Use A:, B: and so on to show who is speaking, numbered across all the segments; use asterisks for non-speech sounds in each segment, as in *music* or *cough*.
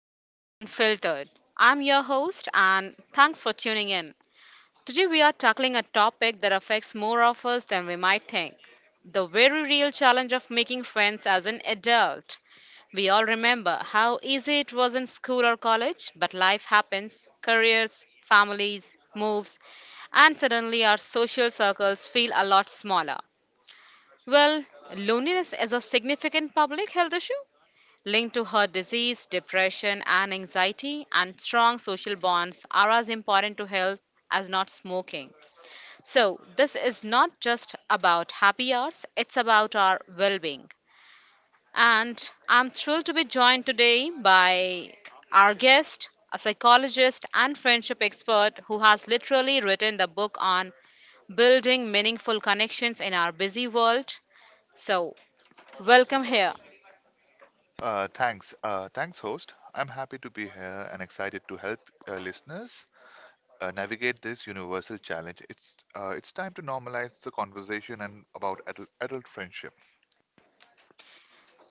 A: to Life Unfiltered. I'm your host, and thanks for tuning in. Today, we are tackling a topic that affects more of us than we might think: the very real challenge of making friends as an adult. We all remember how easy it was in school or college, but life happens: careers, families, moves, and suddenly our social circles feel a lot smaller. Well, loneliness is a significant public health issue linked to her disease, depression, and anxiety, and strong social bonds are as important to health as not smoking. So, this is not just about happy hours, it's about our well being. And I'm thrilled to be joined today by our guest, a psychologist and friendship expert who has literally written the book on building meaningful connections in our busy world. So, welcome here.
B: Thanks. Thanks, host. I'm happy to be here and excited to help listeners navigate this universal challenge. It's time to normalize the conversation and about adult friendship.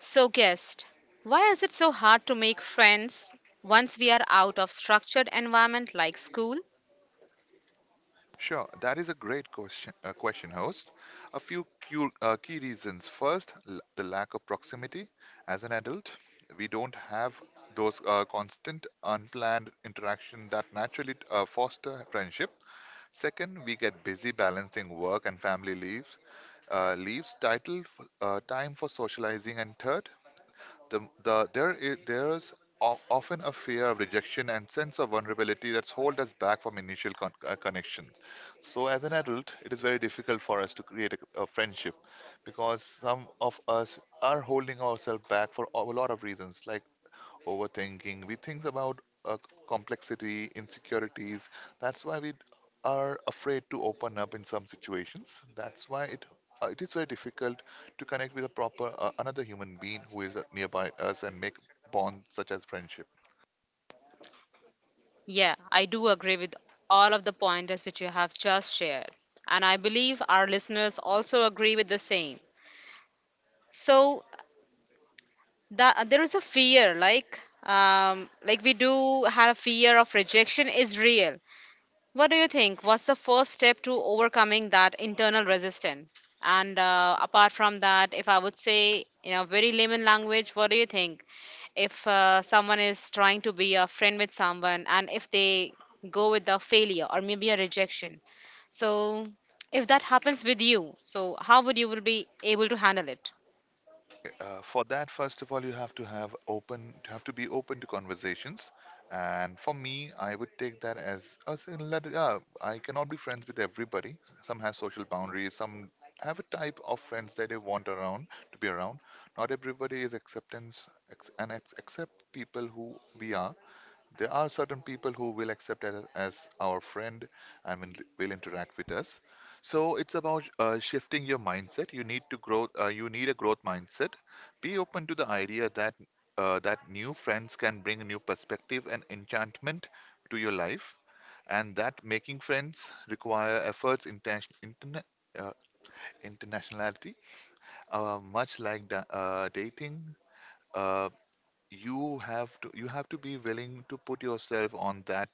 A: So, guest, why is it so hard to make friends once we are out of structured environment like school?
B: Sure, that is a great question, question host. A few cu key reasons. First, l the lack of proximity. As an adult, we don't have those constant, unplanned interaction that naturally foster friendship. Second, we get busy balancing work and family leaves, time for socializing. And third, there's often a fear of rejection and sense of vulnerability that hold us back from initial connections. So, as an adult, it is very difficult for us to create a friendship because some of us are holding ourselves back for a lot of reasons, like overthinking. We think about uh, complexity, insecurities. That's why we are afraid to open up in some situations. That's why it is very difficult to connect with a proper another human being who is nearby us and make bonds such as friendship.
A: Yeah, I do agree with all of the pointers which you have just shared, and I believe our listeners also agree with the same. So, that there is a fear, like we do have a fear of rejection is real. What do you think? What's the first step to overcoming that internal resistance? And apart from that, if I would say in a very layman language, what do you think? If someone is trying to be a friend with someone and if they go with a failure or maybe a rejection, so if that happens with you, so how would you will be able to handle it?
B: For that, first of all, you have to have open, you have to be open to conversations. And for me, I would take that as in let it, yeah, I cannot be friends with everybody. Some have social boundaries, some have a type of friends that they want around to be around. Not everybody is acceptance, accept people who we are there are certain people who will accept us as our friend and will interact with us. So it's about shifting your mindset. You need to grow. You need a growth mindset. Be open to the idea that that new friends can bring a new perspective and enchantment to your life, and that making friends require efforts, intention, uh, internationality, much like dating. Uh, you have to be willing to put yourself on that.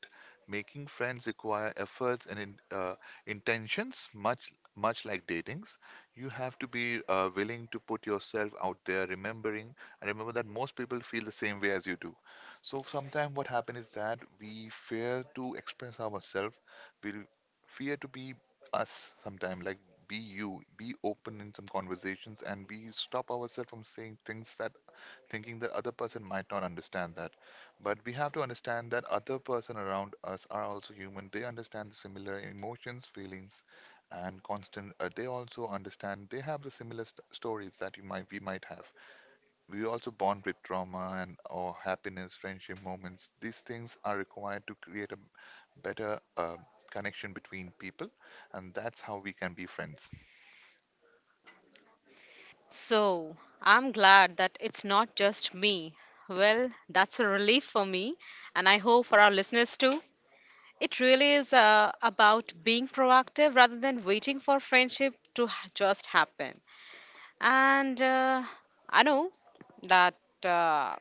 B: Making friends require efforts and intentions, much like datings. You have to be willing to put yourself out there, remember that most people feel the same way as you do. So sometimes what happens is that we fear to express ourselves. We fear to be us sometimes, like be you, be open in some conversations, and we stop ourselves from saying things that thinking that other person might not understand that, but we have to understand that other person around us are also human. They understand similar emotions, feelings, and constant they also understand they have the similar stories that you might we might have. We also bond with trauma and or happiness, friendship moments. These things are required to create a better connection between people, and that's how we can be friends
A: So I'm glad that it's not just me. Well, that's a relief for me, and I hope for our listeners too. It really is about being proactive rather than waiting for friendship to just happen. And I know that uh,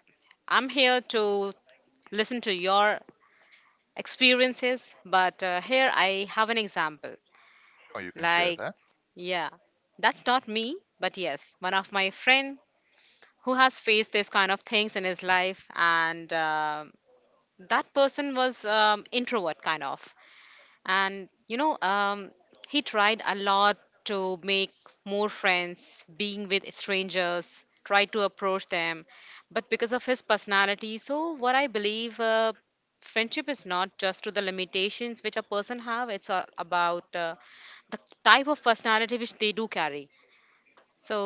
A: I'm here to listen to your experiences, but here I have an example.
B: or you can share
A: Like,
B: that
A: yeah, that's not me, but yes, one of my friend who has faced this kind of things in his life, and that person was introvert kind of. And you know he tried a lot to make more friends being with strangers, tried to approach them, but because of his personality, so what I believe, friendship is not just to the limitations which a person have, it's about the type of personality which they do carry. So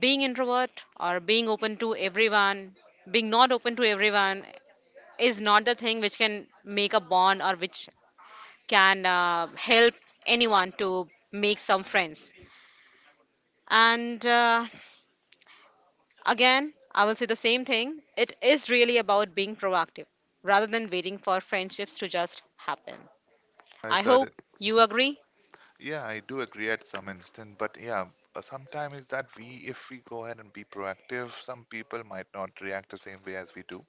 A: being introvert or being open to everyone, being not open to everyone is not the thing which can make a bond or which can help anyone to make some friends. And again, I will say the same thing. It is really about being proactive rather than waiting for friendships to just happen. I
B: it's a.
A: hope you agree.
B: Yeah, I do agree at some instant, but yeah, sometimes is that we, if we go ahead and be proactive, some people might not react the same way as we do.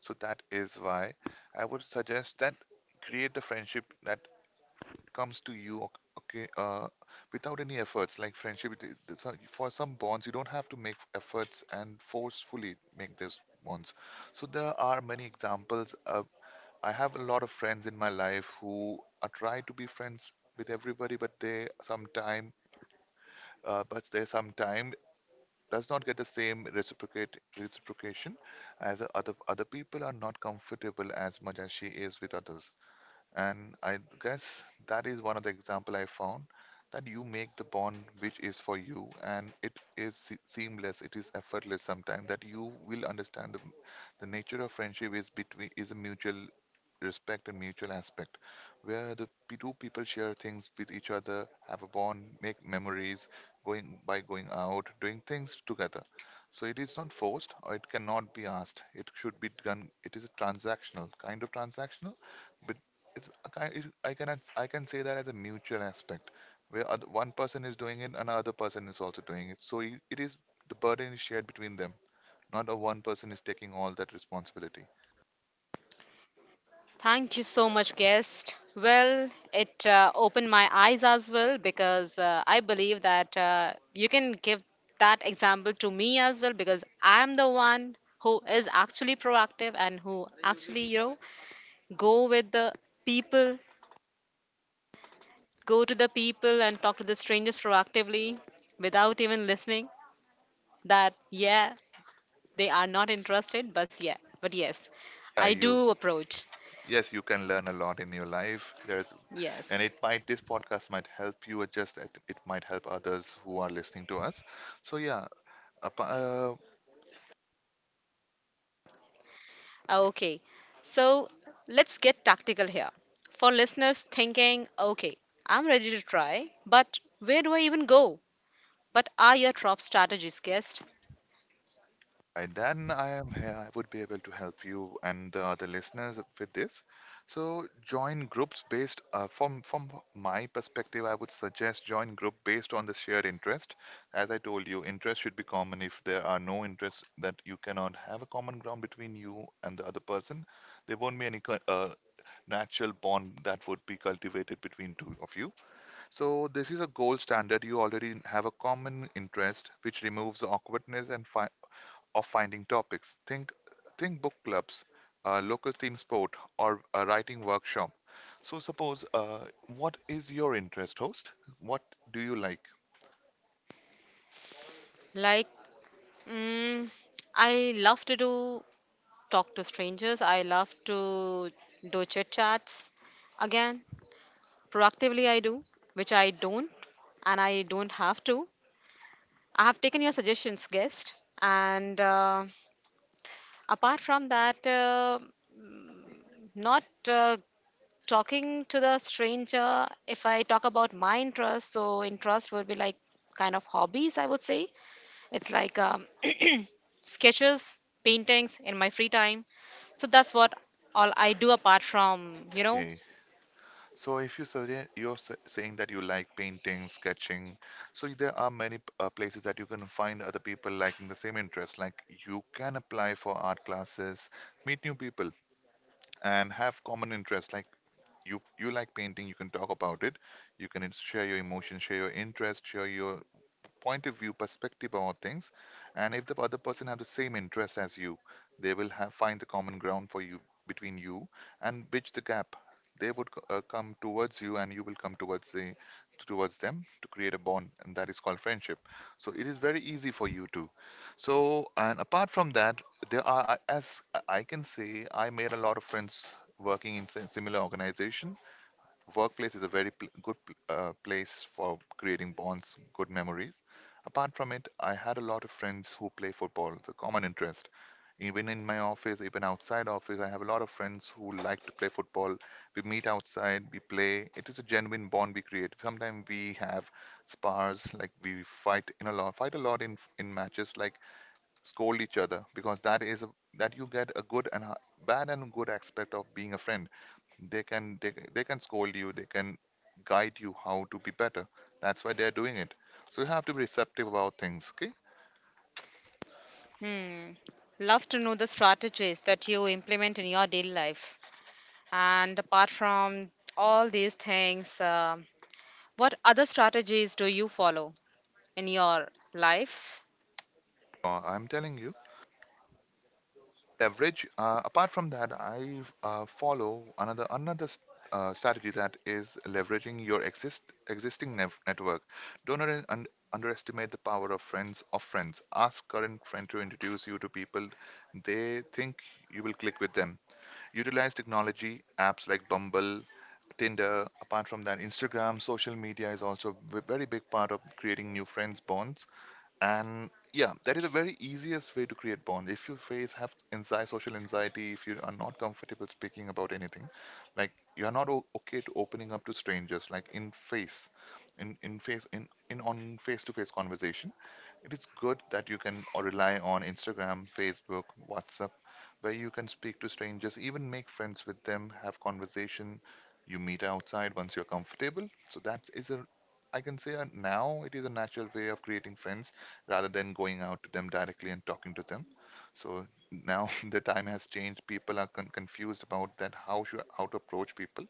B: So that is why I would suggest that create the friendship that comes to you, okay, without any efforts. Like friendship, it is- it's a- for some bonds, you don't have to make efforts and forcefully make these bonds. So there are many examples. I have a lot of friends in my life who I try to be friends with everybody, but they sometime, uh, does not get the same reciprocate reciprocation as the other people are not comfortable as much as she is with others. And I guess that is one of the example I found that you make the bond which is for you and it is seamless, it is effortless sometimes that you will understand the nature of friendship is between is a mutual respect and mutual aspect where two people share things with each other, have a bond, make memories going by going out, doing things together. So it is not forced or it cannot be asked. It should be done. It is a transactional, but it's a kind it- I can as- I can say that as a mutual aspect where one person is doing it, another person is also doing it, so it is the burden is shared between them, not a one person is taking all that responsibility.
A: Thank you so much, guest. Well, it opened my eyes as well because I believe that you can give that example to me as well because I am the one who is actually proactive and who actually, go with the people, go to the people and talk to the strangers proactively without even listening. That, yeah, they are not interested, but yeah, but yes,
B: Yeah
A: I
B: you
A: do approach.
B: Yes, you can learn a lot in your life. There's and
A: Yes.
B: it might this podcast might help you adjust it, it might help others who are listening to us, so yeah, apa- uh,
A: Okay. So let's get tactical here. For listeners thinking, okay, I'm ready to try, but where do I even go? But are your top strategies, guest?
B: right, then I am here. I would be able to help you and the other listeners with this. So join groups based from my perspective, I would suggest join group based on the shared interest. As I told you, interest should be common. If there are no interests that you cannot have a common ground between you and the other person, there won't be any natural bond that would be cultivated between two of you. So this is a gold standard. You already have a common interest, which removes awkwardness and fi of finding topics. Think book clubs, local team sport, or a writing workshop. So suppose, what is your interest, host? What do you like?
A: Like, mm, I love to do talk to strangers. I love to do chit chats. Again, proactively I do, which I don't, and I don't have to. I have taken your suggestions, guest. And apart from that, not uh, talking to the stranger. If I talk about my interest, so interest will be like kind of hobbies, I would say. It's like *clears throat* sketches, paintings in my free time. So that's what all I do apart from, you know,
B: Okay. So if you suggest saying that you like painting, sketching, so there are many places that you can find other people liking the same interest. Like you can apply for art classes, meet new people, and have common interests. Like you like painting, you can talk about it. You can share your emotions, share your interest, share your point of view, perspective about things, and if the other person have the same interest as you, they will have find the common ground for you between you and bridge the gap. They would come towards you, and you will come towards them to create a bond, and that is called friendship. So it is very easy for you to. So and apart from that, there are as I can say, I made a lot of friends working in similar organization. Workplace is a very good place for creating bonds, good memories. Apart from it, I had a lot of friends who play football, the common interest. Even in my office, even outside office, I have a lot of friends who like to play football. We meet outside, we play. It is a genuine bond we create. Sometimes we have spars, like we fight in a lot, fight a lot in matches. Like scold each other because that is a, that you get a good and a bad and good aspect of being a friend. They can scold you, they can guide you how to be better. That's why they're doing it, so you have to be receptive about things, okay?
A: hmm, love to know the strategies that you implement in your daily life. And apart from all these things, what other strategies do you follow in your life?
B: I'm telling you leverage. Apart from that, I follow another strategy that is leveraging your existing network. Don't underestimate the power of friends of friends. Ask current friend to introduce you to people they think you will click with them. Utilize technology apps like Bumble. Tinder, apart from that, Instagram, social media is also a very big part of creating new friends bonds. And yeah, that is a very easiest way to create bond. If you face have anxiety, social anxiety, if you are not comfortable speaking about anything, like you are not o okay to opening up to strangers, like in face, in face in on face-to-face conversation, it is good that you can or rely on Instagram, Facebook, WhatsApp, where you can speak to strangers, even make friends with them, have conversation. You meet outside once you're comfortable. So that is a I can say now it is a natural way of creating friends rather than going out to them directly and talking to them. So now *laughs* the time has changed. People are confused about that how should how to approach people.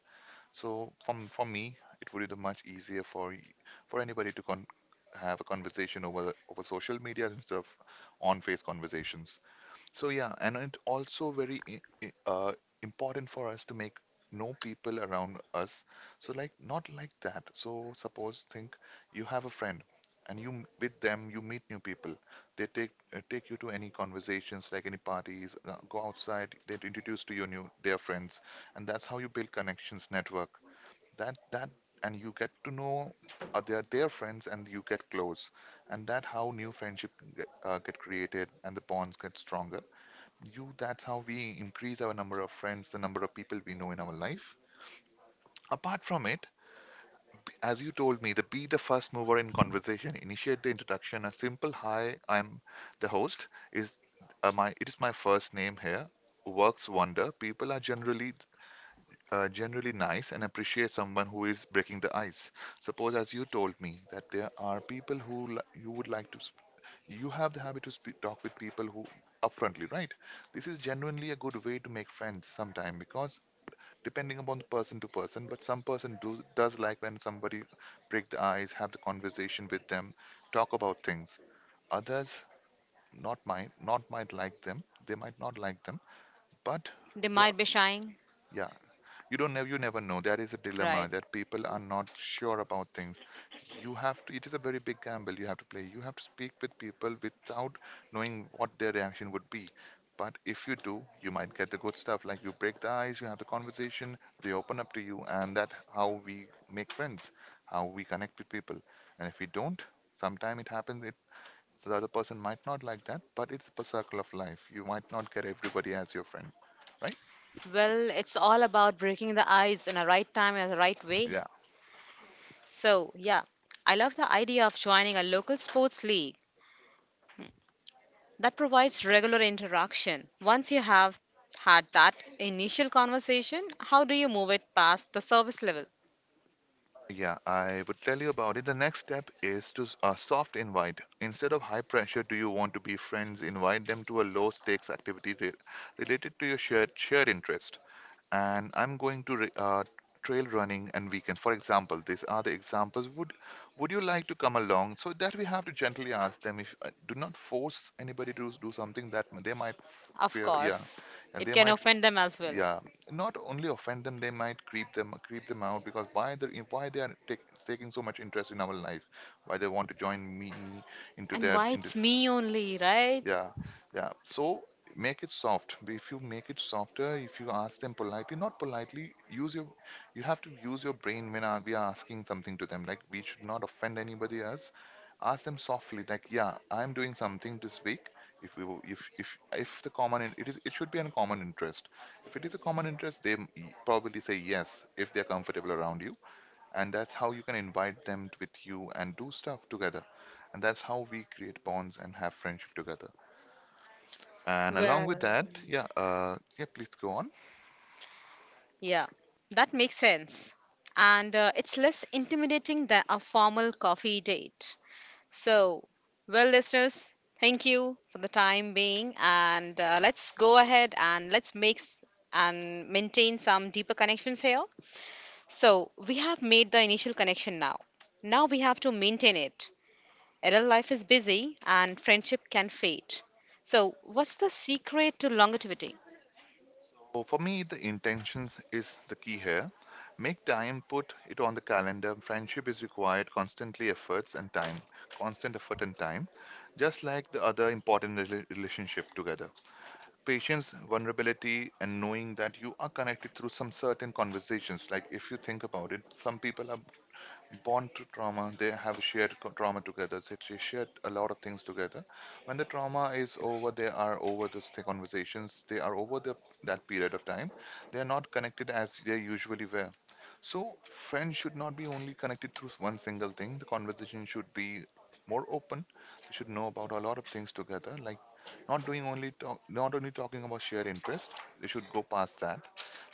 B: So from for me, it would be the much easier for anybody to have a conversation over social media instead of on-face conversations. So yeah, and it also very important for us to make know people around us. So like not like that. So suppose think you have a friend, and with them you meet new people. They take take you to any conversations, like any parties, go outside. They introduce to you new their friends, and that's how you build connections, network. That, and you get to know their friends, and you get close, and that how new friendship get created, and the bonds get stronger you that's how we increase our number of friends, the number of people we know in our life. Apart from it, as you told me, the be the first mover in conversation, initiate the introduction, a simple hi, I'm the host is my it is my first name here, works wonder. People are generally generally nice and appreciate someone who is breaking the ice. Suppose, as you told me, that there are people who li- you would like to, sp- you have the habit to speak, talk with people who upfrontly, right? This is genuinely a good way to make friends sometime, because depending upon the person to person, but some person do, does like when somebody break the ice, have the conversation with them, talk about things. Others not might not might like them. They might not like them, but
A: They
B: they
A: might be
B: are-
A: shying,
B: yeah, you don't know, you never know. That is a
A: right?
B: dilemma, that people are not sure about things. You have to, it is a very big gamble, you have to play, you have to speak with people without knowing what their reaction would be. But if you do, you might get the good stuff. Like you break the ice, you have the conversation, they open up to you, and that how we make friends, how we connect with people. And if we don't, sometime it happens, it so the other person might not like that, but it's a circle of life. You might not get everybody as your friend, right?
A: Well, it's all about breaking the ice in a right time and the right way.
B: Yeah.
A: So, yeah, I love the idea of joining a local sports league that provides regular interaction. Once you have had that initial conversation, how do you move it past the service level?
B: Yeah, I would tell you about it. The next step is to s- a soft invite. Instead of high pressure, do you want to be friends? Invite them to a low stakes activity re- related to your shared interest. And I'm going to re- trail running and weekends, for example. These are the examples. Would you like to come along? So that we have to gently ask them. If do not force anybody to do something that m- they might f-
A: Of
B: fear. Yeah,
A: course,
B: and
A: it
B: they
A: can
B: might,
A: offend them as well.
B: yeah, not only offend them, they might creep them out because why they are take, taking so much interest in our life, why they want to join me into
A: And
B: their
A: why
B: into.
A: it's me only, right?
B: Yeah, yeah. So make it soft. If you make it softer, if you ask them politely, not politely, use your, you have to use your brain when we are asking something to them. Like we should not offend anybody else. Ask them softly, like, yeah, I'm doing something this week. If we, will- if the common, in- it is, it should be a common interest. If it is a common interest, they m- e, probably say yes if they're comfortable around you, and that's how you can invite them with you and do stuff together, and that's how we create bonds and have friendship together. And along with
A: Well,
B: that, yeah, yeah, please go on.
A: yeah, that makes sense. And it's less intimidating than a formal coffee date. So, well, listeners, thank you for the time being, and let's go ahead and and maintain some deeper connections here. So, we have made the initial connection now. Now we have to maintain it. Adult life is busy and friendship can fade. So, what's the secret to longevity?
B: So for me, the intentions is the key here. Make time, put it on the calendar. Friendship is required constantly efforts and time, constant effort and time, just like the other important relationship together. Patience, vulnerability, and knowing that you are connected through some certain conversations. Like if you think about it, some people are born to trauma, they have a shared co- trauma together, so they shared a lot of things together. When the trauma is over, they are over those th- conversations, they are over the, that period of time, they are not connected as they usually were. So friends should not be only connected through one single thing. The conversation should be more open. They should know about a lot of things together, like not doing only talk, not only talking about shared interest. They should go past that.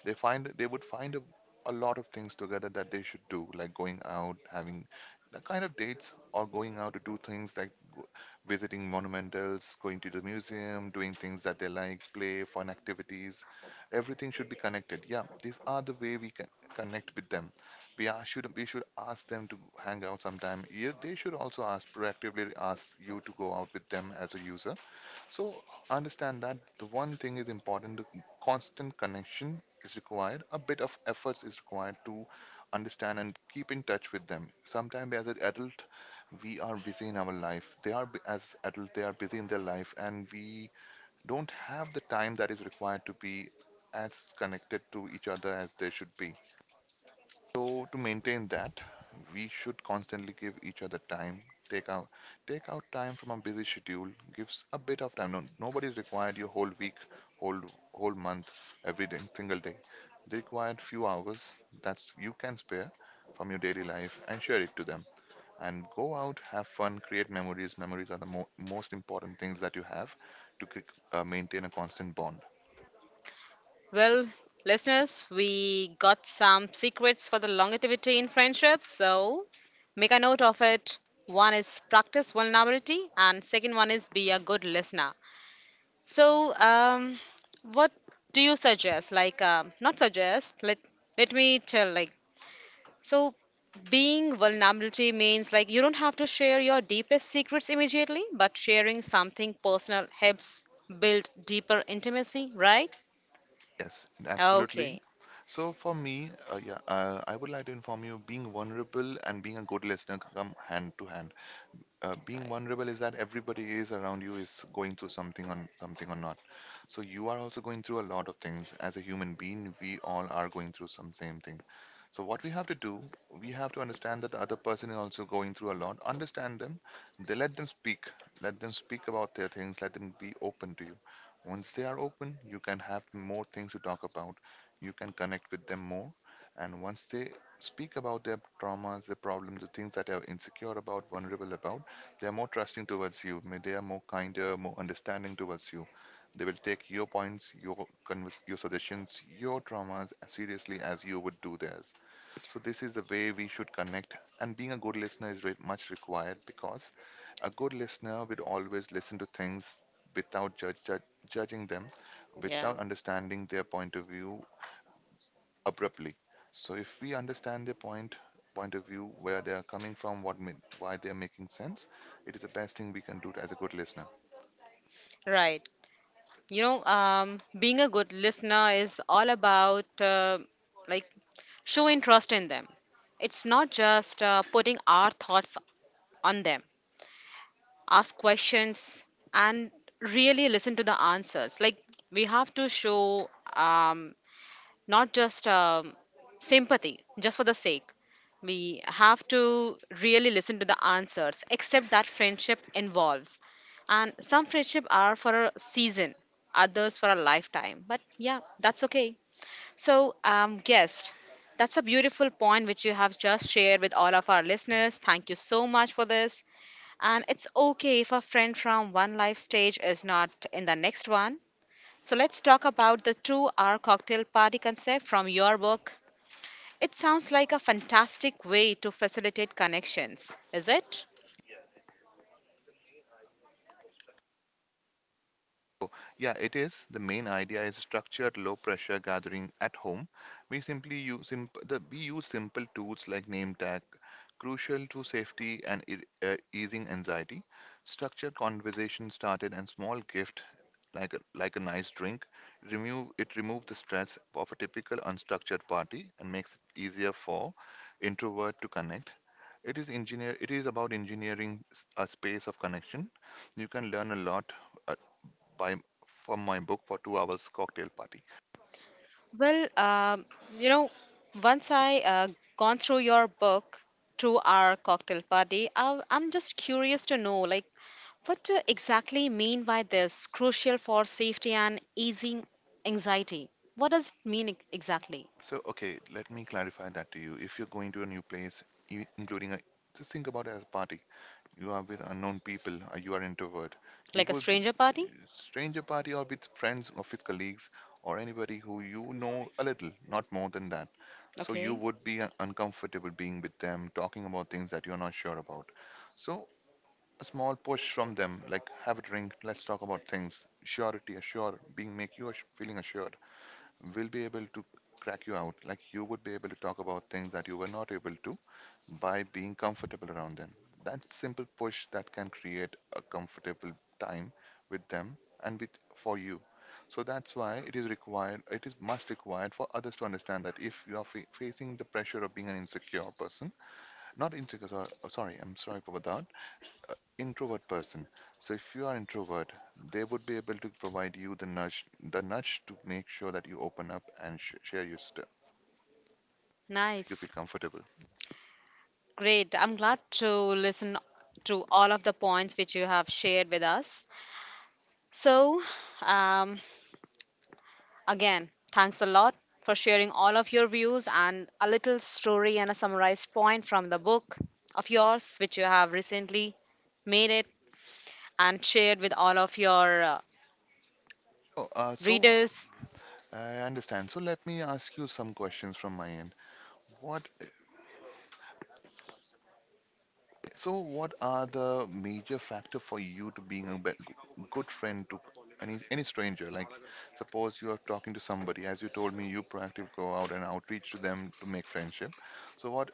B: They would find a lot of things together that they should do, like going out, having the kind of dates, or going out to do things like go- visiting monumentals, going to the museum, doing things that they like, play, fun activities. Everything should be connected. Yeah, these are the way we can connect with them. We are, should we should ask them to hang out sometime. Yeah, they should also ask proactively ask you to go out with them as a user. So understand that the one thing is important: the constant connection is required. A bit of efforts is required to understand and keep in touch with them. Sometimes, as an adult, we are busy in our life. They are bu- as adult, they are busy in their life, and we don't have the time that is required to be as connected to each other as they should be. So to maintain that, we should constantly give each other time. Take out Take out time from a busy schedule. Gives a bit of time. No, nobody's required your whole week, whole whole month, every day, single day. They required few hours that's you can spare from your daily life and share it to them. And go out, have fun, create memories. Memories are the mo- most important things that you have to c- maintain a constant bond.
A: Well, listeners, we got some secrets for the longevity in friendships. So make a note of it. One is practice vulnerability, and second one is be a good listener. So, what do you suggest? Like, not suggest. Let me tell. Like, so being vulnerability means like you don't have to share your deepest secrets immediately, but sharing something personal helps build deeper intimacy, right?
B: Yes, absolutely.
A: Okay.
B: So for me, yeah, I would like to inform you, being vulnerable and being a good listener come hand to hand. Being
A: Right.
B: vulnerable is that everybody is around you is going through something on something or not. So you are also going through a lot of things. As a human being, we all are going through some same thing. So what we have to do, we have to understand that the other person is also going through a lot, understand them, they let them speak, let them speak about their things, let them be open to you. Once they are open, you can have more things to talk about, you can connect with them more. And once they speak about their traumas, the problems, the things that they are insecure about, vulnerable about, they are more trusting towards you. May they are more kinder, more understanding towards you. They will take your points, your convers- your suggestions, your traumas as seriously as you would do theirs. So this is the way we should connect. And being a good listener is very much required because a good listener would always listen to things without judging them,
A: Yeah,
B: without understanding their point of view abruptly. So if we understand their point of view, where they are coming from, what ma- why they are making sense, it is the best thing we can do as a good listener.
A: right. You know, being a good listener is all about like show interest in them. It's not just putting our thoughts on them. Ask questions and really listen to the answers. Like we have to show, um, not just sympathy just for the sake. We have to really listen to the answers. Accept that friendship involves, and some friendship are for a season, others for a lifetime, but yeah, that's okay. So, guest, that's a beautiful point which you have just shared with all of our listeners. Thank you so much for this, and it's okay if a friend from one life stage is not in the next one. So, let's talk about the 2-hour cocktail party concept from your book. It sounds like a fantastic way to facilitate connections, is it?
B: Yeah, it is. The main idea is structured low pressure gathering at home. We simply use simp the, we use simple tools like name tag, crucial to safety and e easing anxiety. Structured conversation started and small gift like a nice drink. Remove the stress of a typical unstructured party and makes it easier for introvert to connect. It is engineer it is about engineering s- a space of connection. You can learn a lot uh, by from my book for 2-hour cocktail party.
A: Well, you know, once I gone through your book, 2-hour cocktail party, I'm just curious to know, like, what do exactly mean by this crucial for safety and easing anxiety? What does it mean exactly?
B: So okay, let me clarify that to you. If you're going to a new place, you, including a just think about it as a party. You are with unknown people. Or you are introvert. You
A: Like a
B: would be
A: stranger party?
B: stranger party or with friends, office colleagues, or anybody who you know a little, not more than that. So you
A: Okay,
B: would be uncomfortable being with them, talking about things that you're not sure about. So a small push from them, like have a drink, let's talk about things. Surety, assure, being make you ass- feeling assured. Will be able to crack you out. Like you would be able to talk about things that you were not able to by being comfortable around them. That simple push that can create a comfortable time with them and with for you. So that's why it is required. It is must required for others to understand that if you are fa- facing the pressure of being an insecure person, not insecure. Sor- sorry, I'm sorry about that, introvert person. So if you are introvert, they would be able to provide you the nudge to make sure that you open up and sh share your stuff. You feel
A: nice.
B: comfortable.
A: Great. I'm glad to listen to all of the points which you have shared with us. So, um, again, thanks a lot for sharing all of your views and a little story and a summarized point from the book of yours, which you have recently made it and shared with all of your
B: Oh, so
A: readers.
B: I understand. So let me ask you some questions from my end. What, so what are the major factor for you to being a be- good friend to any stranger? Like, suppose you are talking to somebody, as you told me, you proactively go out and outreach to them to make friendship. So what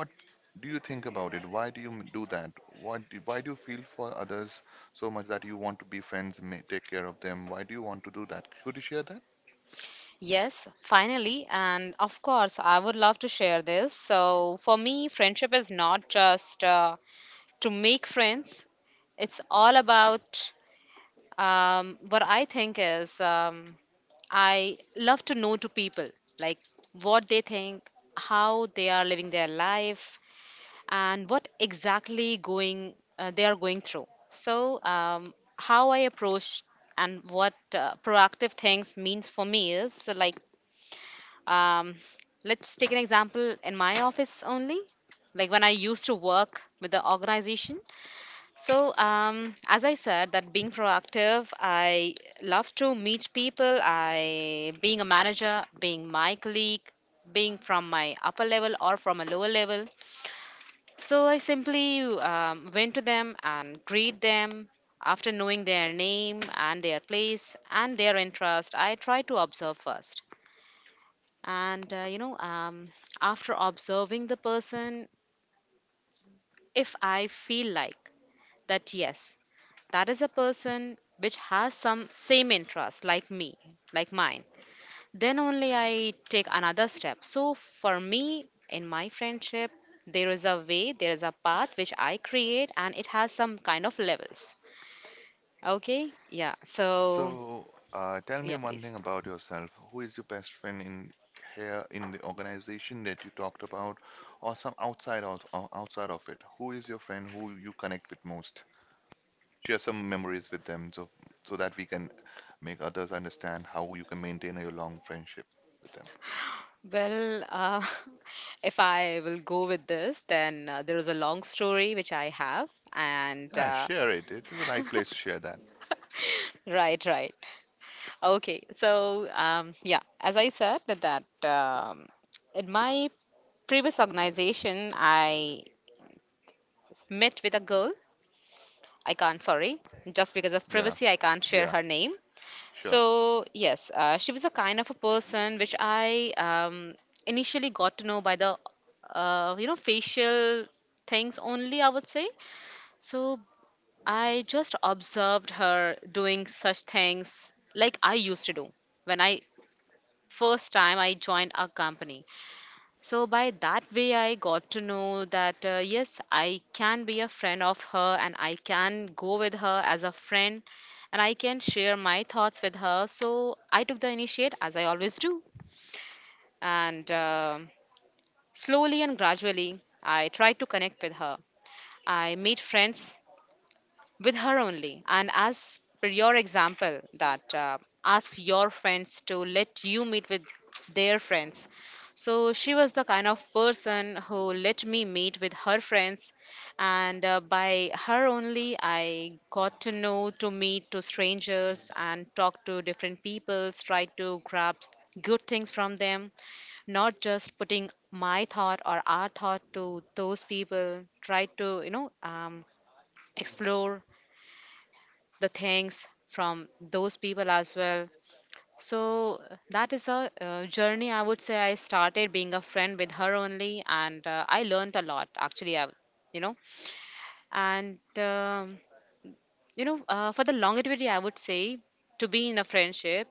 B: What do you think about it? Why do you m- do that? What do, why do you feel for others so much that you want to be friends, ma- take care of them? Why do you want to do that? Could you share that?
A: Yes, finally, and of course, I would love to share this. So, for me, friendship is not just to make friends, it's all about, what I think is, I love to know to people, like what they think, how they are living their life, and what exactly going they are going through. So, how I approach and what proactive things means for me is like, um, let's take an example in my office only. Like when I used to work with the organization, so, as I said, that, being proactive, I love to meet people. I being a manager, being my colleague, being from my upper level or from a lower level. So I simply went to them and greet them. After knowing their name and their place and their interest, I try to observe first. And after observing the person, if I feel like that yes, that is a person which has some same interest like me, like mine, then only I take another step. So for me, in my friendship, there is a way, there is a path which I create, and it has some kind of levels. Okay. Yeah. So,
B: So, tell me
A: yeah,
B: one thing
A: please.
B: about yourself. Who is your best friend in here in the organization that you talked about, or some outside of ou- outside of it? Who is your friend who you connect with most? Share some memories with them, so that we can make others understand how you can maintain a long friendship with them.
A: Well, *laughs* if I will go with this then, there is a long story which I have, and
B: Yeah, share it. It is the right place to share that.
A: *laughs* right, right. Okay, so, yeah, as I said that um, in my previous organization, I met with a girl. I can't, sorry, just because of
B: Yeah,
A: privacy, I can't share
B: yeah,
A: her name.
B: sure.
A: So yes, she was a kind of a person which I, initially got to know by the facial things only, I would say. So I just observed her doing such things like I used to do when I first time I joined a company. So by that way, I got to know that yes, I can be a friend of her and I can go with her as a friend and I can share my thoughts with her. So I took the initiate as I always do. And slowly and gradually, I tried to connect with her. I made friends with her only. And as per your example, that asked your friends to let you meet with their friends. So she was the kind of person who let me meet with her friends, and by her only, I got to know to meet to strangers and talk to different people, try to grab good things from them, not just putting my thought or our thought to those people, try to explore the things from those people as well. So that is a, journey, I would say I started being a friend with her only, and I learned a lot actually. I, you know, and you know, for the longevity, I would say to be in a friendship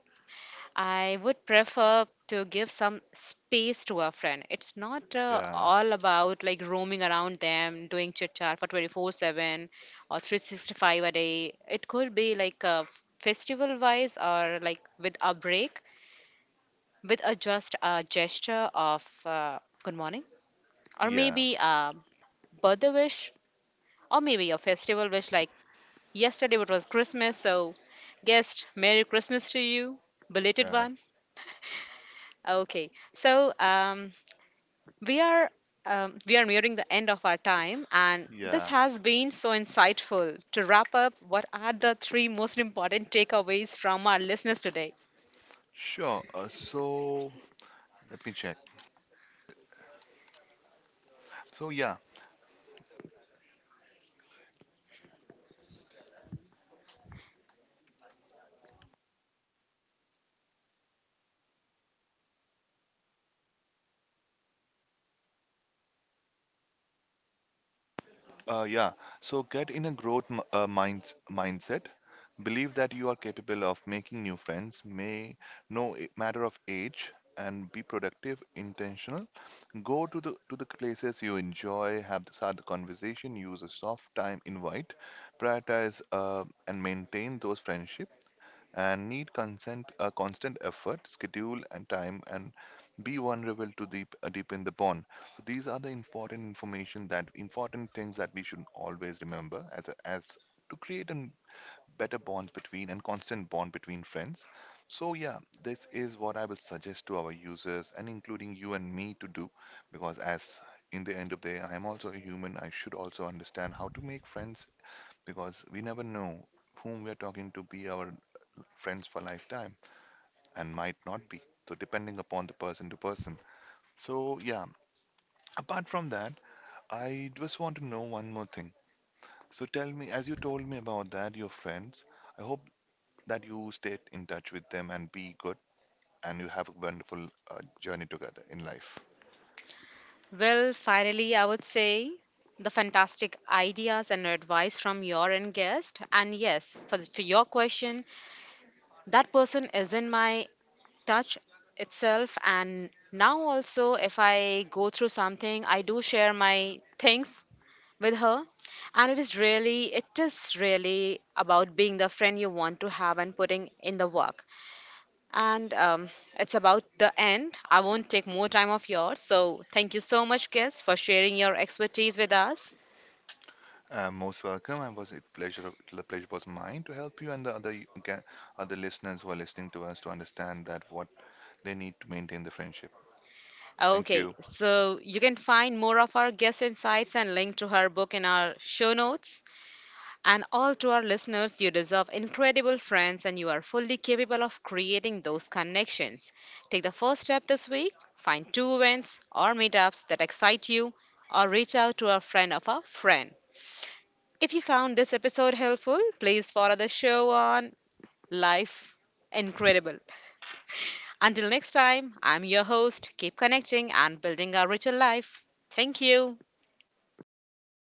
A: I would prefer to give some space to a friend. It's not
B: Yeah,
A: all about like roaming around them, doing chit chat for 24/7 or 365 a day. It could be like a festival wise or like with a break, with a just a gesture of good morning, or
B: yeah,
A: maybe a birthday wish, or maybe a festival wish. Like yesterday, it was Christmas, so guest, Merry Christmas to you, belated
B: yeah,
A: one. Okay, so, we are we are nearing the end of our time and this
B: yeah.
A: has been so insightful. To wrap up, what are the three most important takeaways from our listeners today?
B: Sure. So let me check. So yeah, yeah. So get in a growth m- minds mindset. Believe that you are capable of making new friends, may no I- matter of age, and be productive, intentional. Go to the places you enjoy, have the, start the conversation, use a soft time invite, prioritize and maintain those friendships and need consent, a constant effort, schedule, and time, and be vulnerable to deep, deepen the bond. So these are the important information that important things that we should always remember as a, as to create a better bond between and constant bond between friends. So yeah, this is what I will suggest to our users and including you and me to do, because as in the end of the day, I am also a human. I should also understand how to make friends because we never know whom we are talking to be our friends for lifetime and might not be. So depending upon the person to person. So yeah, apart from that, I just want to know one more thing. So tell me, as you told me about that, your friends, I hope that you stay in touch with them and be good and you have a wonderful journey together in life.
A: Well, finally, I would say the fantastic ideas and advice from your end, guest, and yes, for your question, that person is in my touch itself, and now also if I go through something, I do share my things with her. And it is really about being the friend you want to have and putting in the work. And, it's about the end. I won't take more time of yours, so thank you so much, guests, for sharing your expertise with us.
B: Most welcome. I was it pleasure of, the pleasure was mine to help you and the other ga- other listeners who are listening to us to understand that what they need to maintain the friendship. Thank
A: Okay,
B: you.
A: so you can find more of our guest insights and link to her book in our show notes. And all to our listeners, you deserve incredible friends and you are fully capable of creating those connections. Take the first step this week, find two events or meetups that excite you, or reach out to a friend of a friend. If you found this episode helpful, please follow the show on Life Incredible. Until next time, I'm your host. Keep connecting and building a richer life. Thank you.